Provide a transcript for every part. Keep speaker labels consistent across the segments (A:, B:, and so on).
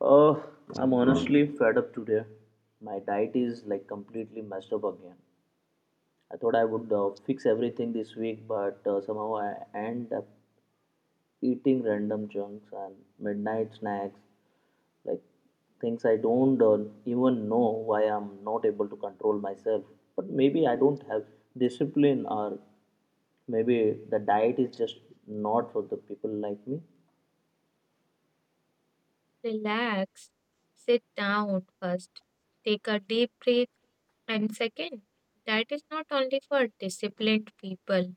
A: Uh, I'm honestly fed up today. My diet is like completely messed up again. I thought I would fix everything this week, but somehow I end up eating random chunks and midnight snacks, like things I don't even know why I'm not able to control myself. But maybe I don't have discipline, or maybe the diet is just not for the people like me.
B: Relax, sit down first, take a deep breath, and second, that is not only for disciplined people.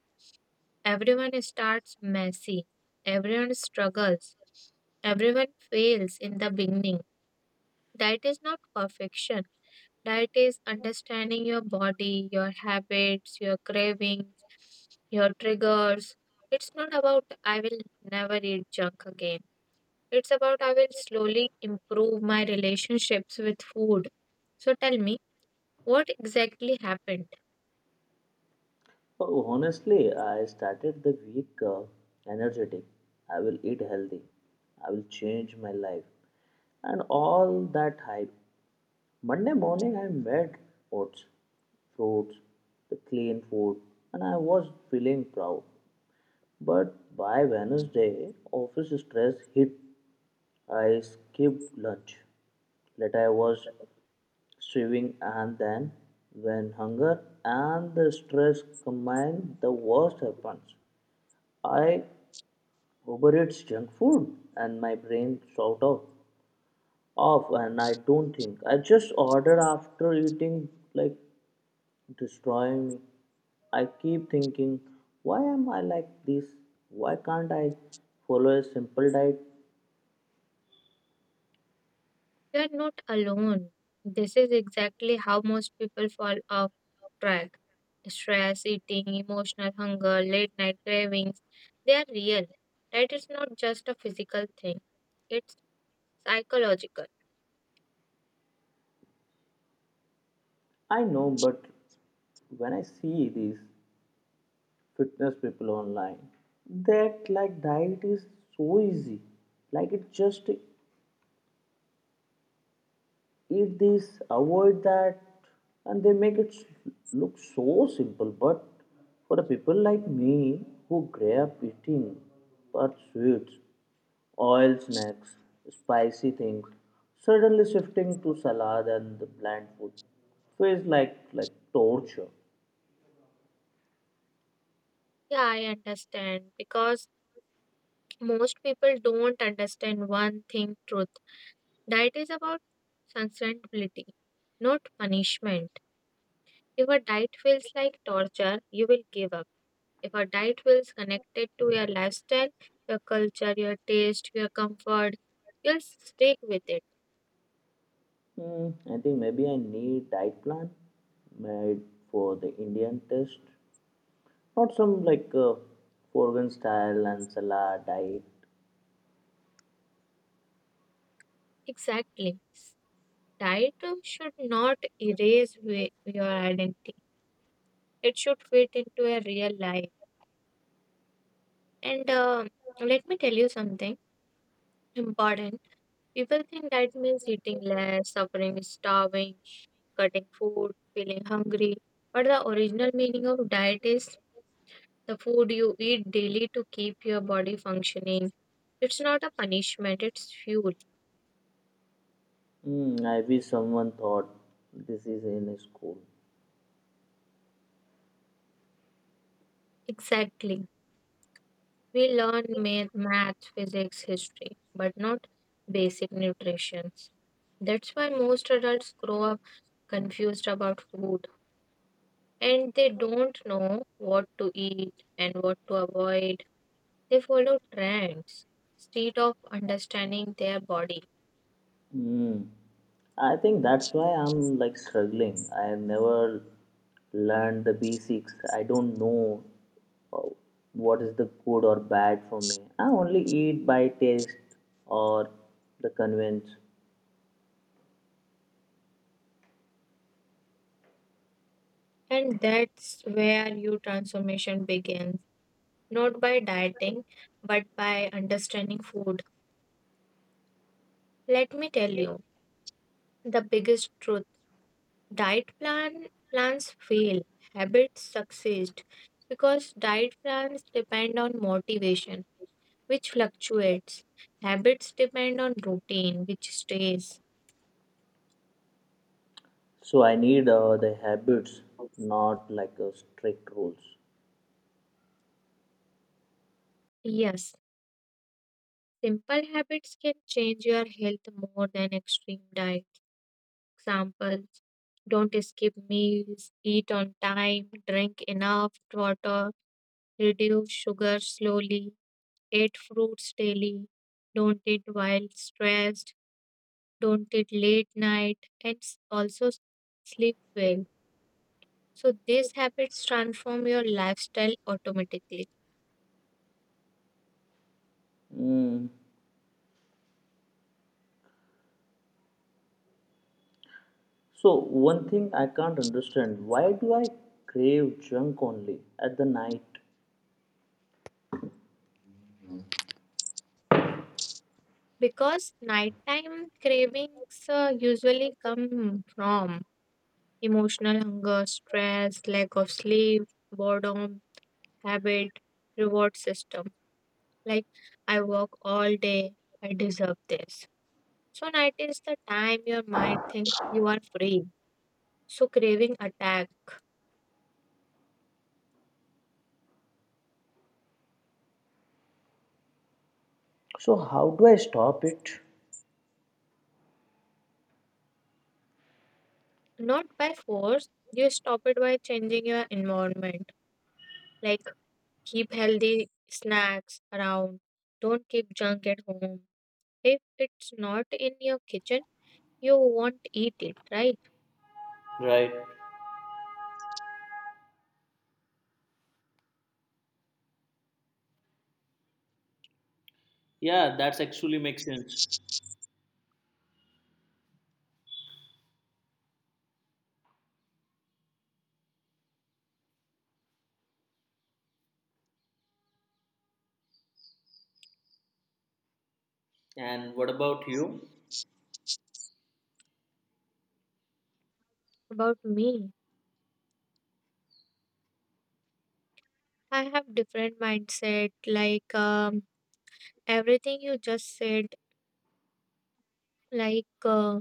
B: Everyone starts messy, everyone struggles, everyone fails in the beginning. That is not perfection. That is understanding your body, your habits, your cravings, your triggers. It's not about I will never eat junk again. It's about I will slowly improve my relationships with food. So tell me, what exactly happened?
A: Oh, honestly, I started the week energetic. I will eat healthy. I will change my life. And all that hype. Monday morning, I made oats, fruits, the clean food, and I was feeling proud. But by Wednesday, office stress hit. I skipped lunch. Later, I was sewing, and then, when hunger and the stress combine, the worst happens. I overeat junk food, and my brain sort of off, and I don't think. I just order after eating like destroy me. I keep thinking, why am I like this? Why can't I follow a simple diet?
B: You are not alone. This is exactly how most people fall off track. Stress, eating, emotional hunger, late night cravings, they are real. Diet is not just a physical thing, it's psychological.
A: I know, but when I see these fitness people online, that like diet is so easy, like it's just eat this, avoid that, and they make look so simple. But for a people like me who grew up eating but sweets, oil snacks, spicy things, suddenly shifting to salad and the bland food feels like torture.
B: Yeah, I understand because most people don't understand one thing truth. Diet is about sustainability, not punishment. If a diet feels like torture, you will give up. If a diet feels connected to your lifestyle, your culture, your taste, your comfort, you'll stick with it.
A: Hmm, I think maybe I need diet plan made for the Indian taste, not some like foreign style and salad diet.
B: Exactly. Diet should not erase your identity, it should fit into a real life. And let me tell you something important. People think that means eating less, suffering, starving, cutting food, feeling hungry. But the original meaning of diet is the food you eat daily to keep your body functioning. It's not a punishment, it's fuel.
A: Mm, I wish someone thought this is in school.
B: Exactly. We learn math, physics, history, but not basic nutrition. That's why most adults grow up confused about food and they don't know what to eat and what to avoid. They follow trends instead of understanding their body.
A: Mm. I think that's why I'm like struggling. I have never learned the basics. I don't know uh, what is the good or bad for me. I only eat by taste or the convenience.
B: And that's where your transformation begins, not by dieting, but by understanding food. Let me tell you the biggest truth: diet plans fail, habits succeed because diet plans depend on motivation, which fluctuates. Habits depend on routine, which stays.
A: So I need the habits, not like strict rules.
B: Yes, simple habits can change your health more than extreme diets. Examples: don't skip meals, eat on time, drink enough water, reduce sugar slowly, eat fruits daily, don't eat while stressed, don't eat late night, and also sleep well. So, these habits transform your lifestyle automatically.
A: Mm. So one thing I can't understand, why do I crave junk only at the night?
B: Because nighttime cravings usually come from emotional hunger, stress, lack of sleep, boredom, habit, reward system. Like, I work all day, I deserve this. So, night is the time your mind thinks you are free. So, craving attack.
A: So how do I stop it?
B: Not by force, you stop it by changing your environment. Like, keep healthy snacks around, don't keep junk at home. If it's not in your kitchen, you won't eat it, right?
A: Right. Yeah, that's actually makes sense. And what about you?
B: About me. I have different mindset. Like everything you just said, like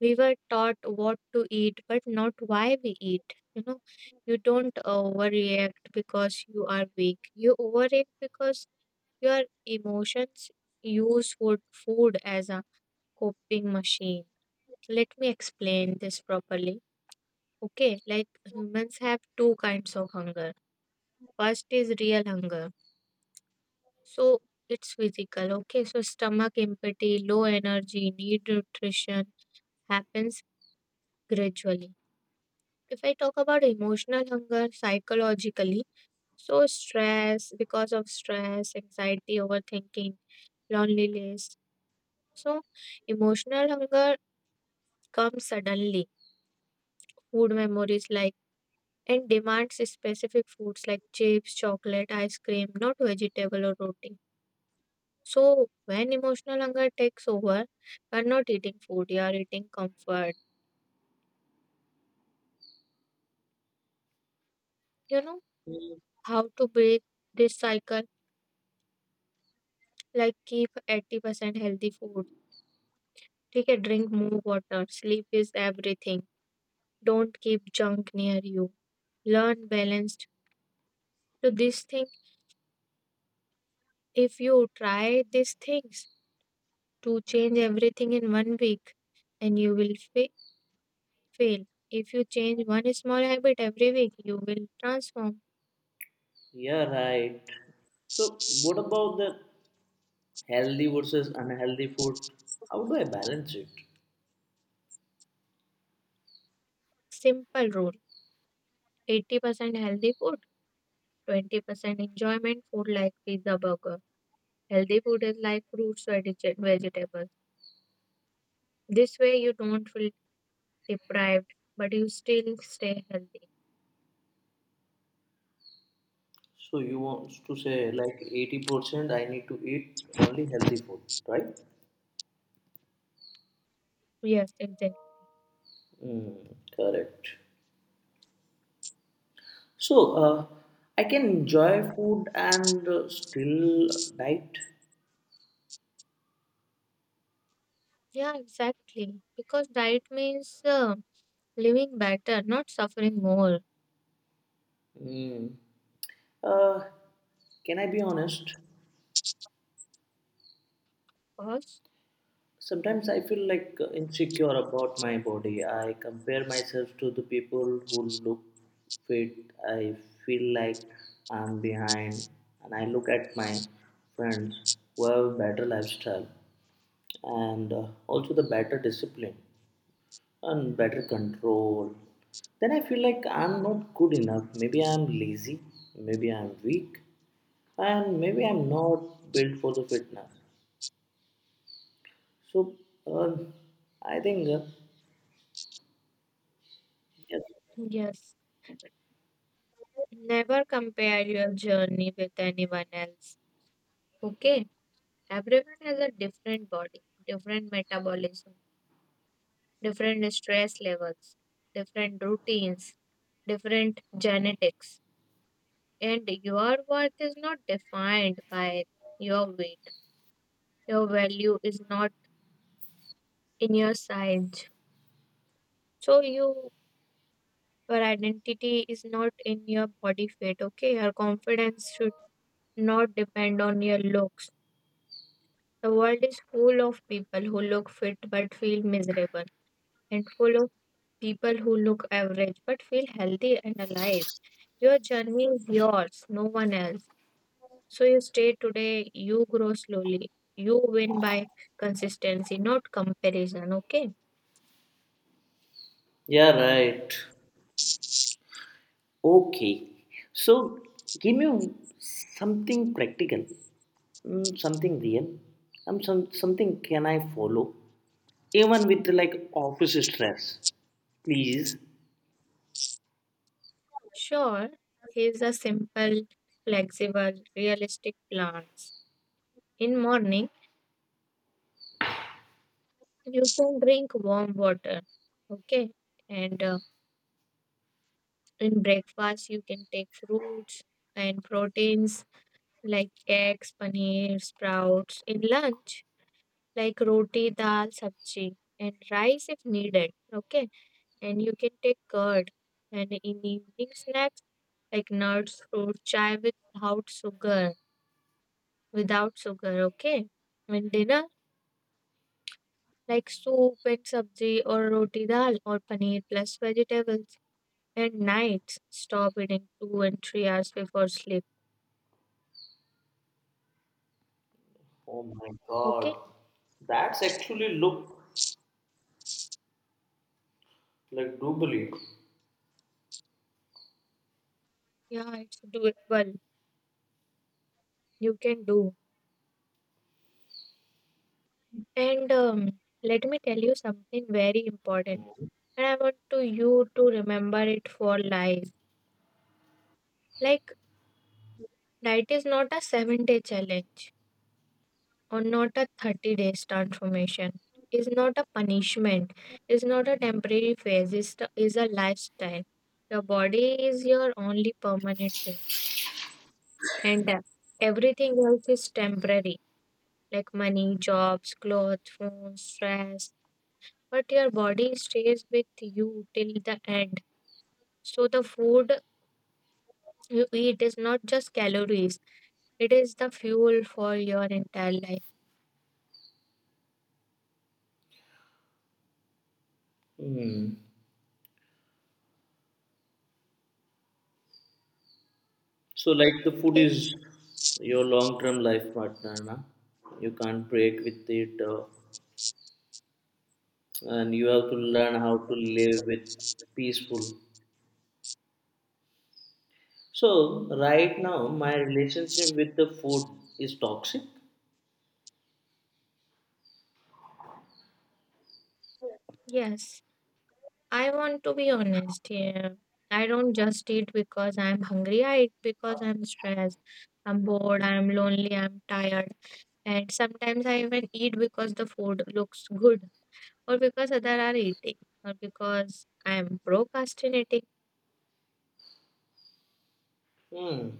B: we were taught what to eat, but not why we eat. You know, you don't overreact because you are weak. You overreact because your emotions use food as a coping machine. Let me explain this properly. Okay, like humans have two kinds of hunger. First is real hunger. So it's physical, okay? So stomach empathy, low energy, need nutrition happens gradually. If I talk about emotional hunger psychologically, so stress, because of stress, anxiety, overthinking, loneliness. So emotional hunger comes suddenly. Food memories like and demands specific foods like chips, chocolate, ice cream, not vegetable or roti. So when emotional hunger takes over, we're not eating food, you are eating comfort. You know how to break this cycle? Like keep 80% healthy food. Take a drink more water. Sleep is everything. Don't keep junk near you. Learn balanced. So this thing, if you try these things to change everything in one week, and you will fail. If you change one small habit every week, you will transform.
A: Yeah, right. So, what about the healthy versus unhealthy food? How do I balance it?
B: Simple rule. 80% healthy food, 20% enjoyment food like pizza burger. Healthy food is like fruits or vegetables. This way you don't feel deprived, but you still stay healthy.
A: So, you want to say like 80% I need to eat only healthy food, right?
B: Yes, exactly.
A: Mm, correct. So, I can enjoy food and still diet.
B: Yeah, exactly. Because diet means living better, not suffering more.
A: Mm. Uh, can I be honest?
B: Cause
A: Sometimes I feel like insecure about my body. I compare myself to the people who look fit. I feel like I'm behind, and I look at my friends who have better lifestyle and also the better discipline and better control. Then I feel like I'm not good enough. Maybe I'm lazy. Maybe I'm weak, and maybe I'm not built for the fitness. So uh, I think.
B: yes, never compare your journey with anyone else. Okay, everyone has a different body, different metabolism, different stress levels, different routines, different genetics. And your worth is not defined by your weight. Your value is not in your size. So your identity is not in your body weight, okay? Your confidence should not depend on your looks. The world is full of people who look fit but feel miserable, and full of people who look average but feel healthy and alive. Your journey is yours, no one else. So you stay today, you grow slowly. You win by consistency, not comparison, okay?
A: Yeah, right. Okay. So give me something practical, mm, something real, something can I follow, even with like office stress, please.
B: Sure, here's a simple, flexible, realistic plans. In morning, you can drink warm water, okay? And in breakfast, you can take fruits and proteins like eggs, paneer, sprouts. In lunch, like roti, dal, sabji, and rice if needed. Okay, and you can take curd, and in evening snacks like nuts, fruit, chai without sugar, without sugar. Okay, and dinner like soup and sabji or roti dal or paneer plus vegetables. And nights stop eating 2 and 3 hours before sleep.
A: Oh my
B: Okay,
A: god, that's actually look like doubly.
B: yeah, it's doable. You can do. And let me tell you something very important, and I want to you to remember it for life. Like diet is not a 7 day challenge, or not a 30 days transformation. Is not a punishment. Is not a temporary phase. Is a lifestyle. Your body is your only permanent home, and everything else is temporary, like money, jobs, clothes, phone, stress. But your body stays with you till the end. So the food you eat is not just calories, it is the fuel for your entire life.
A: Mm. So like the food
B: Okay.
A: is your long-term life partner, na? You can't break with it, and you have to learn how to live with peaceful. So right now my relationship with the food is toxic.
B: Yes. I want to be honest here. I don't just eat because I'm hungry. I eat because I'm stressed. I'm bored. I'm lonely. I'm tired. And sometimes I even eat because the food looks good, or because others are eating, or because I'm procrastinating.
A: Hmm.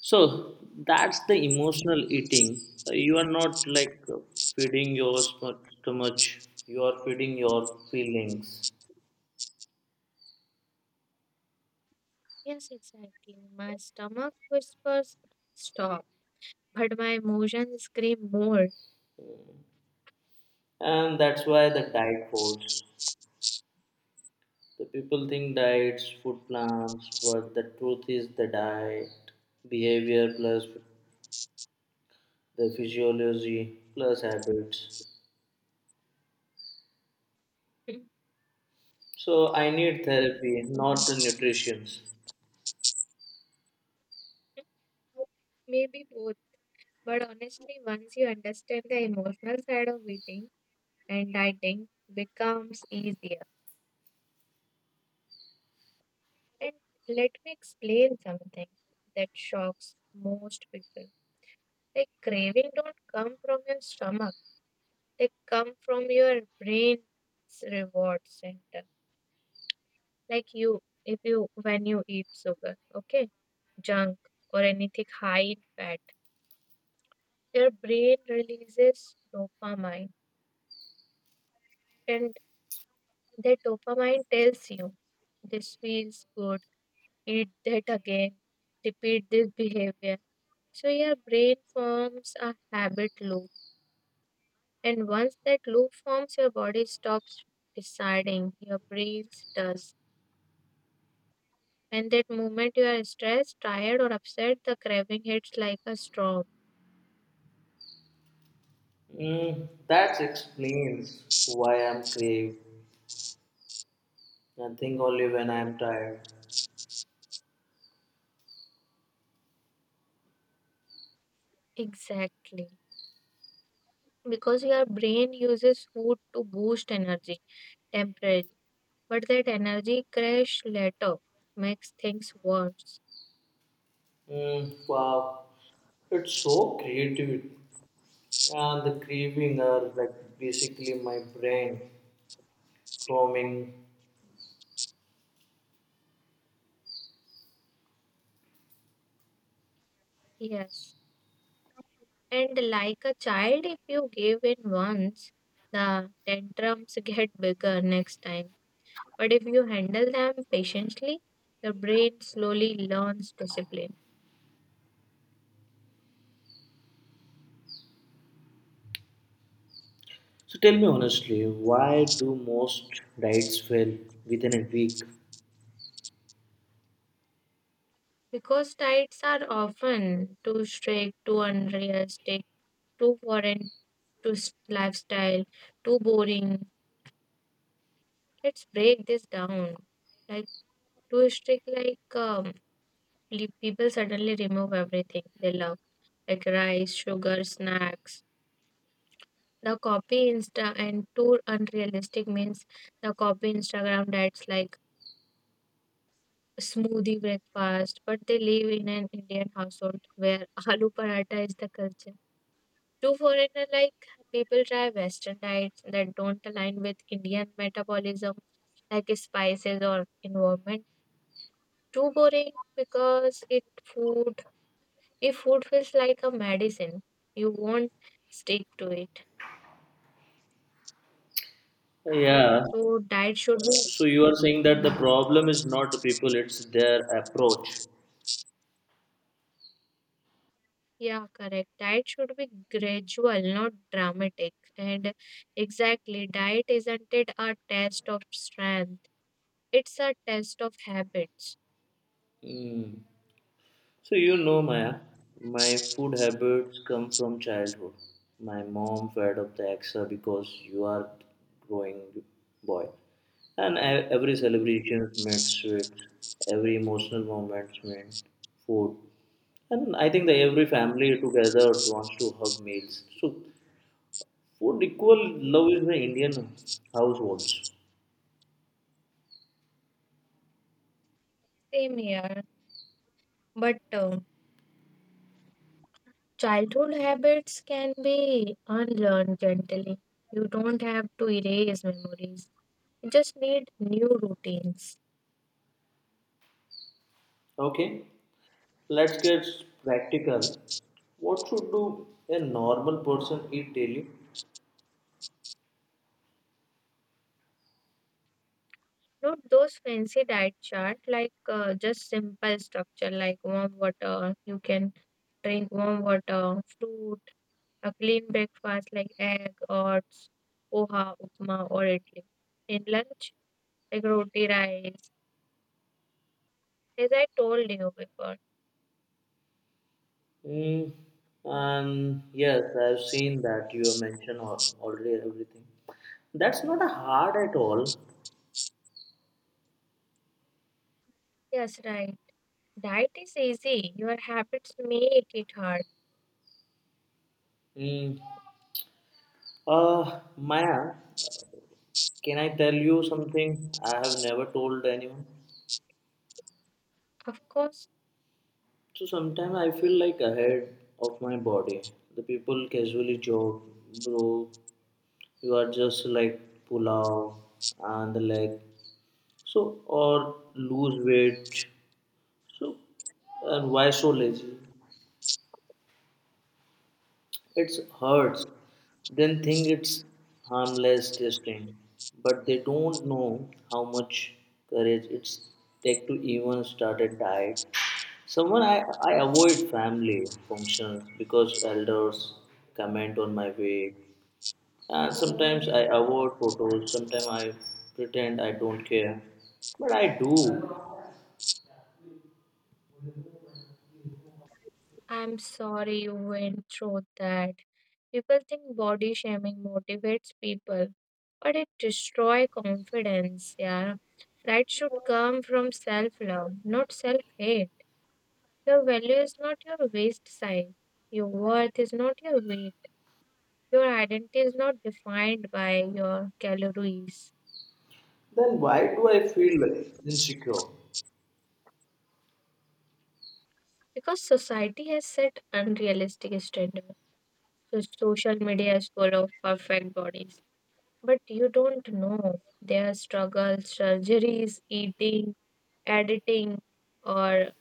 A: So that's the emotional eating. You are not like feeding your stomach. You are feeding your feelings,
B: Yes, exactly. My stomach whispers stop, but my emotions scream more.
A: and that's why the diet falls. The people think diets, food plans, but the truth is the diet, behavior plus the physiology plus habits. So I need therapy, not the nutrition.
B: Maybe both, but honestly, once you understand the emotional side of eating, and dieting becomes easier. And let me explain something that shocks most people. Like craving don't come from your stomach. They come from your brain's reward center. Like you, if you when you eat sugar, okay, junk or anything high in fat, your brain releases dopamine. And the dopamine tells you this feels good, eat that again, repeat this behavior. So your brain forms a habit loop, and once that loop forms, your body stops deciding, your brain does. And that moment you are stressed, tired, or upset, the craving hits like a storm.
A: Mm, that explains why I'm crave and think only when I'm tired.
B: Exactly. Because your brain uses food to boost energy temporarily, but that energy crash later makes things worse.
A: Mm, wow, it's so creative, and the craving are like basically my brain roaming.
B: Yes, and like a child, if you give in once, the tantrums get bigger next time. But if you handle them patiently, the brain slowly learns discipline.
A: So tell me honestly, why do most diets fail within a week?
B: Because diets are often too strict, too unrealistic, too foreign to lifestyle, too boring. Let's break this down. Like too strict, like people suddenly remove everything they love, like rice, sugar, snacks the copy insta, and too unrealistic means the copy Instagram diets like smoothie breakfast, but they live in an Indian household where aloo paratha is the culture. Two foreigner like people try Western diets that don't align with Indian metabolism, like spices or environment. Too boring because it food, if food feels like a medicine, you won't stick to it.
A: Yeah.
B: So diet should be.
A: So you are saying that the
B: Hmm.
A: problem is not the people, it's their approach.
B: Yeah, correct. Diet should be gradual, not dramatic. And exactly, diet isn't it a test of strength? It's a test of habits.
A: Hmm. So you know, Maya, my food habits come from childhood. My mom fed up the extra because you are growing boy, and every celebration meant sweets, every emotional moment meant food, and I think that every family together wants to hug meals. So food equal love is the Indian households.
B: Same here. But childhood habits can be unlearned gently. You don't have to erase memories. You just need new routines.
A: Okay, let's get practical. What should do a normal person eat daily?
B: Not those fancy diet chart, like just simple structure like warm water. You can drink warm water, fruit, a clean breakfast like egg, oats, poha, upma, or idli. In lunch, like roti, rice. As I told you before.
A: Mm, and yes, I've seen that you have mentioned already everything. That's not a hard at all.
B: Yes, right. Diet is easy. Your habits make it hard.
A: Mm, Maya, can I tell you something I have never told anyone?
B: Of course.
A: So sometimes I feel like ahead of my body. The people casually joke, bro, you are just like pulao and the leg. So or lose weight. So and why so lazy? It hurts. Then think it's harmless testing, but they don't know how much courage it's take to even start a diet. Someone I avoid family functions because elders comment on my weight, and sometimes I avoid photos. Sometimes I pretend I don't care, but I do.
B: I'm sorry you went through that. People think body shaming motivates people, but it destroys confidence. Yeah, right should come from self love, not self hate. Your value is not your waist size. Your worth is not your weight. Your identity is not defined by your calories.
A: Then why do I feel insecure?
B: Because society has set unrealistic standards. So social media is full of perfect bodies. But you don't know their struggles, surgeries, eating, editing, or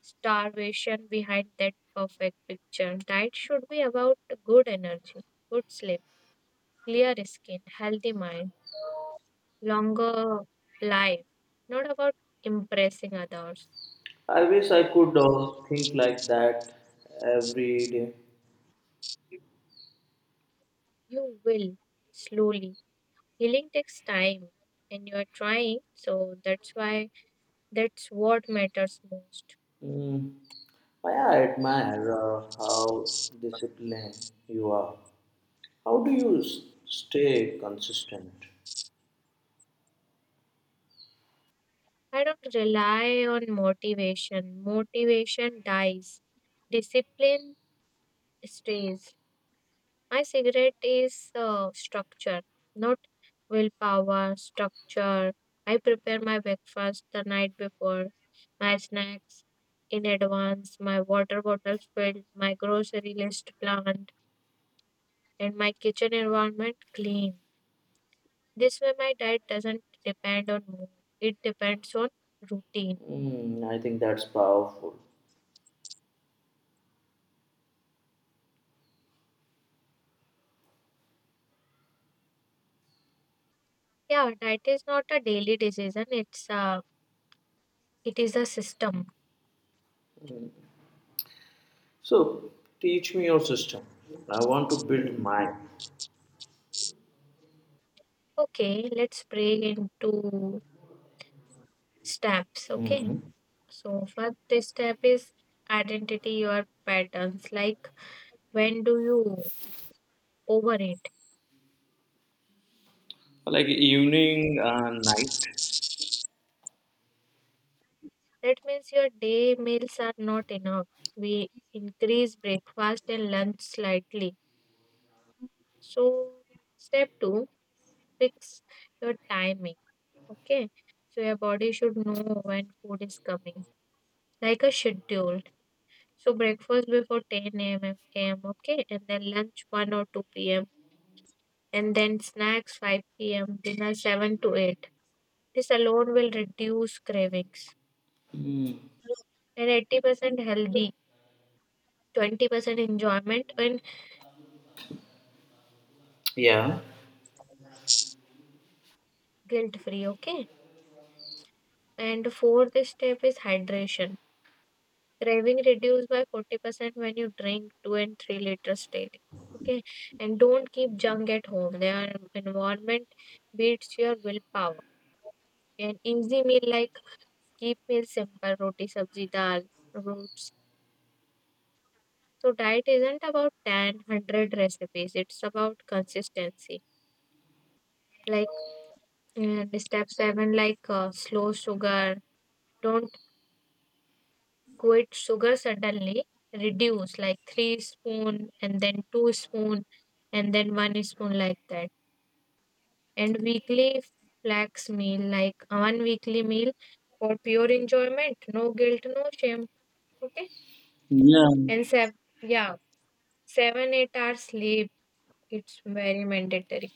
B: starvation behind that perfect picture. Diet should be about good energy, good sleep, clear skin, healthy mind, longer life, not about impressing others.
A: I wish I could think like that every day.
B: You will slowly. Healing takes time, and you are trying, so that's why that's what matters most.
A: Mm, I admire how disciplined you are. How do you stay consistent?
B: I don't rely on motivation. Motivation dies. Discipline stays. My cigarette is structure, not willpower, structure. I prepare my breakfast the night before, my snacks in advance, my water bottle filled, my grocery list planned, and my kitchen environment clean. This way, my diet doesn't depend on mood, it depends on routine.
A: Mm, I think that's powerful.
B: Yeah, diet is not a daily decision, it is a system.
A: So, teach me your system. I want to build mine.
B: Okay, let's break into steps. Okay.
A: Mm.
B: So, first step is identity your patterns. Like, when do you overeat?
A: Like evening and night.
B: That means your day meals are not enough. We increase breakfast and lunch slightly. So, step two, fix your timing. Okay. So, your body should know when food is coming, like a schedule. So, breakfast before 10 a.m. Okay. And then lunch 1 or 2 p.m. And then snacks 5 p.m., dinner 7 to 8. This alone will reduce cravings.
A: Mm.
B: And 80% healthy, 20% enjoyment, and
A: Yeah.
B: guilt free. Okay. And fourth step is hydration. Craving reduced by 40% when you drink 2 and 3 liters daily. Okay. And don't keep junk at home. Their environment beats your willpower. An easy meal like keep meal simple, roti, sabzi, dal, roots. So diet isn't about 10, 100 recipes. It's about consistency. Like. And step seven, like slow sugar. Don't quit sugar suddenly. Reduce like three spoon and then two spoon and then one spoon like that. And weekly flax meal, like one weekly meal for pure enjoyment. No guilt, no shame. Okay.
A: Yeah,
B: And yeah, seven, 8 hours sleep. It's very mandatory.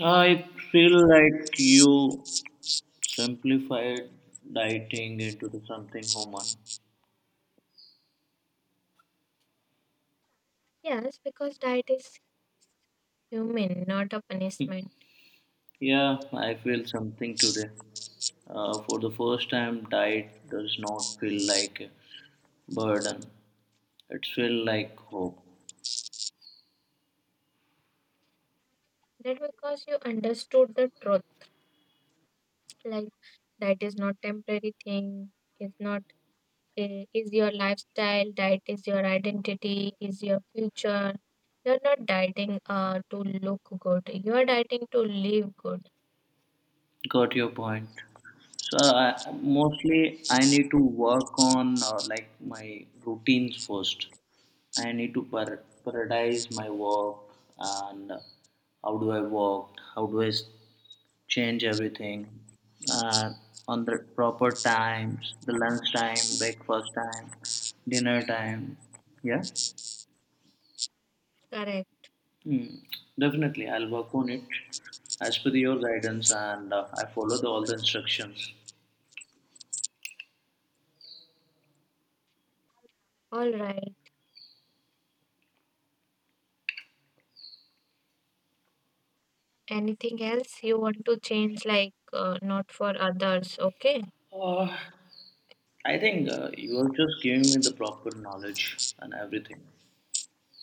A: I feel like you simplified dieting into the something human.
B: Yes, because diet is human, not a punishment.
A: Yeah, I feel something today. For the first time, diet does not feel like a burden. It feels like hope.
B: That because you understood the truth. Like diet is not temporary thing, it's not, is your lifestyle. Diet is your identity, is your future. You're not dieting to look good, you're dieting to live good.
A: Got your point. So I, mostly I need to work on like my routines first. I need to prioritize my work and how do I work, how do I s- change everything uh, on the proper times, the lunch time, breakfast time, dinner time. Yeah,
B: Correct.
A: mm, definitely I'll work on it as per your guidance and I follow the, all the instructions.
B: All right, anything else you want to change, like not for others. Okay.
A: Uh, I think you are just giving me the proper knowledge and everything.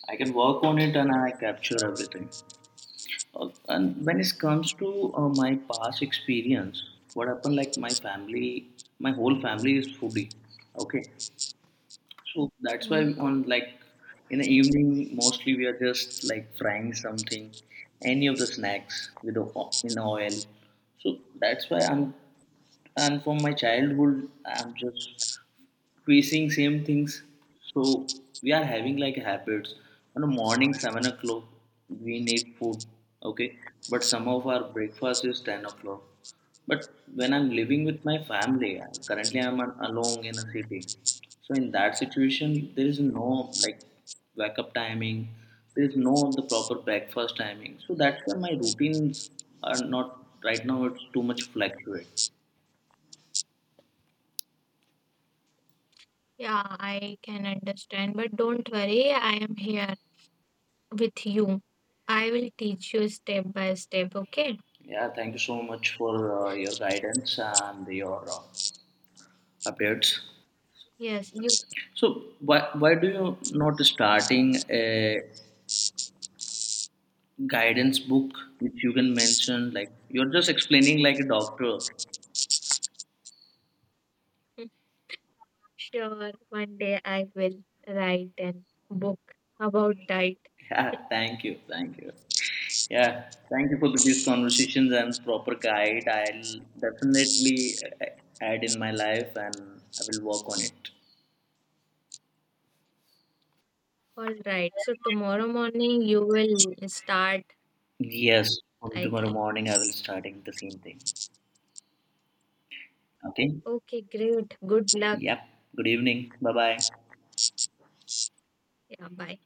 A: I can work on it and I capture everything. And when it comes to my past experience, what happened like my family, my whole family is foodie. Okay. So that's why
B: Mm.
A: on like in the evening, mostly we are just like frying something, any of the snacks with the, in oil. So that's why I'm, and from my childhood, I'm just we seeing same things so we are having like habits on the morning 7 o'clock we need food, okay, but some of our breakfast is 10 o'clock but when I'm living with my family currently I'm alone in a city so in that situation there is no like wake up timing, there is no the proper breakfast timing so that's why my routines are not right now it's too much fluctuate.
B: Yeah, I can understand, but don't worry, I am here with you. I will teach you step by step, okay?
A: Yeah, thank you so much for your guidance and your updates.
B: Yes, you.
A: So, why do you not starting a guidance book which you can mention? Like you're just explaining like a doctor.
B: Sure, one day I will write an book about diet.
A: Yeah, thank you, thank you. Yeah, thank you for these conversations and proper guide. I'll definitely add in my life and I will work on it.
B: All right. So tomorrow morning you will start,
A: Yes, from
B: I
A: tomorrow
B: think.
A: morning I will starting the same thing. Okay.
B: Okay, great. Good luck.
A: Yep. Good evening. Bye bye.
B: Yeah, bye.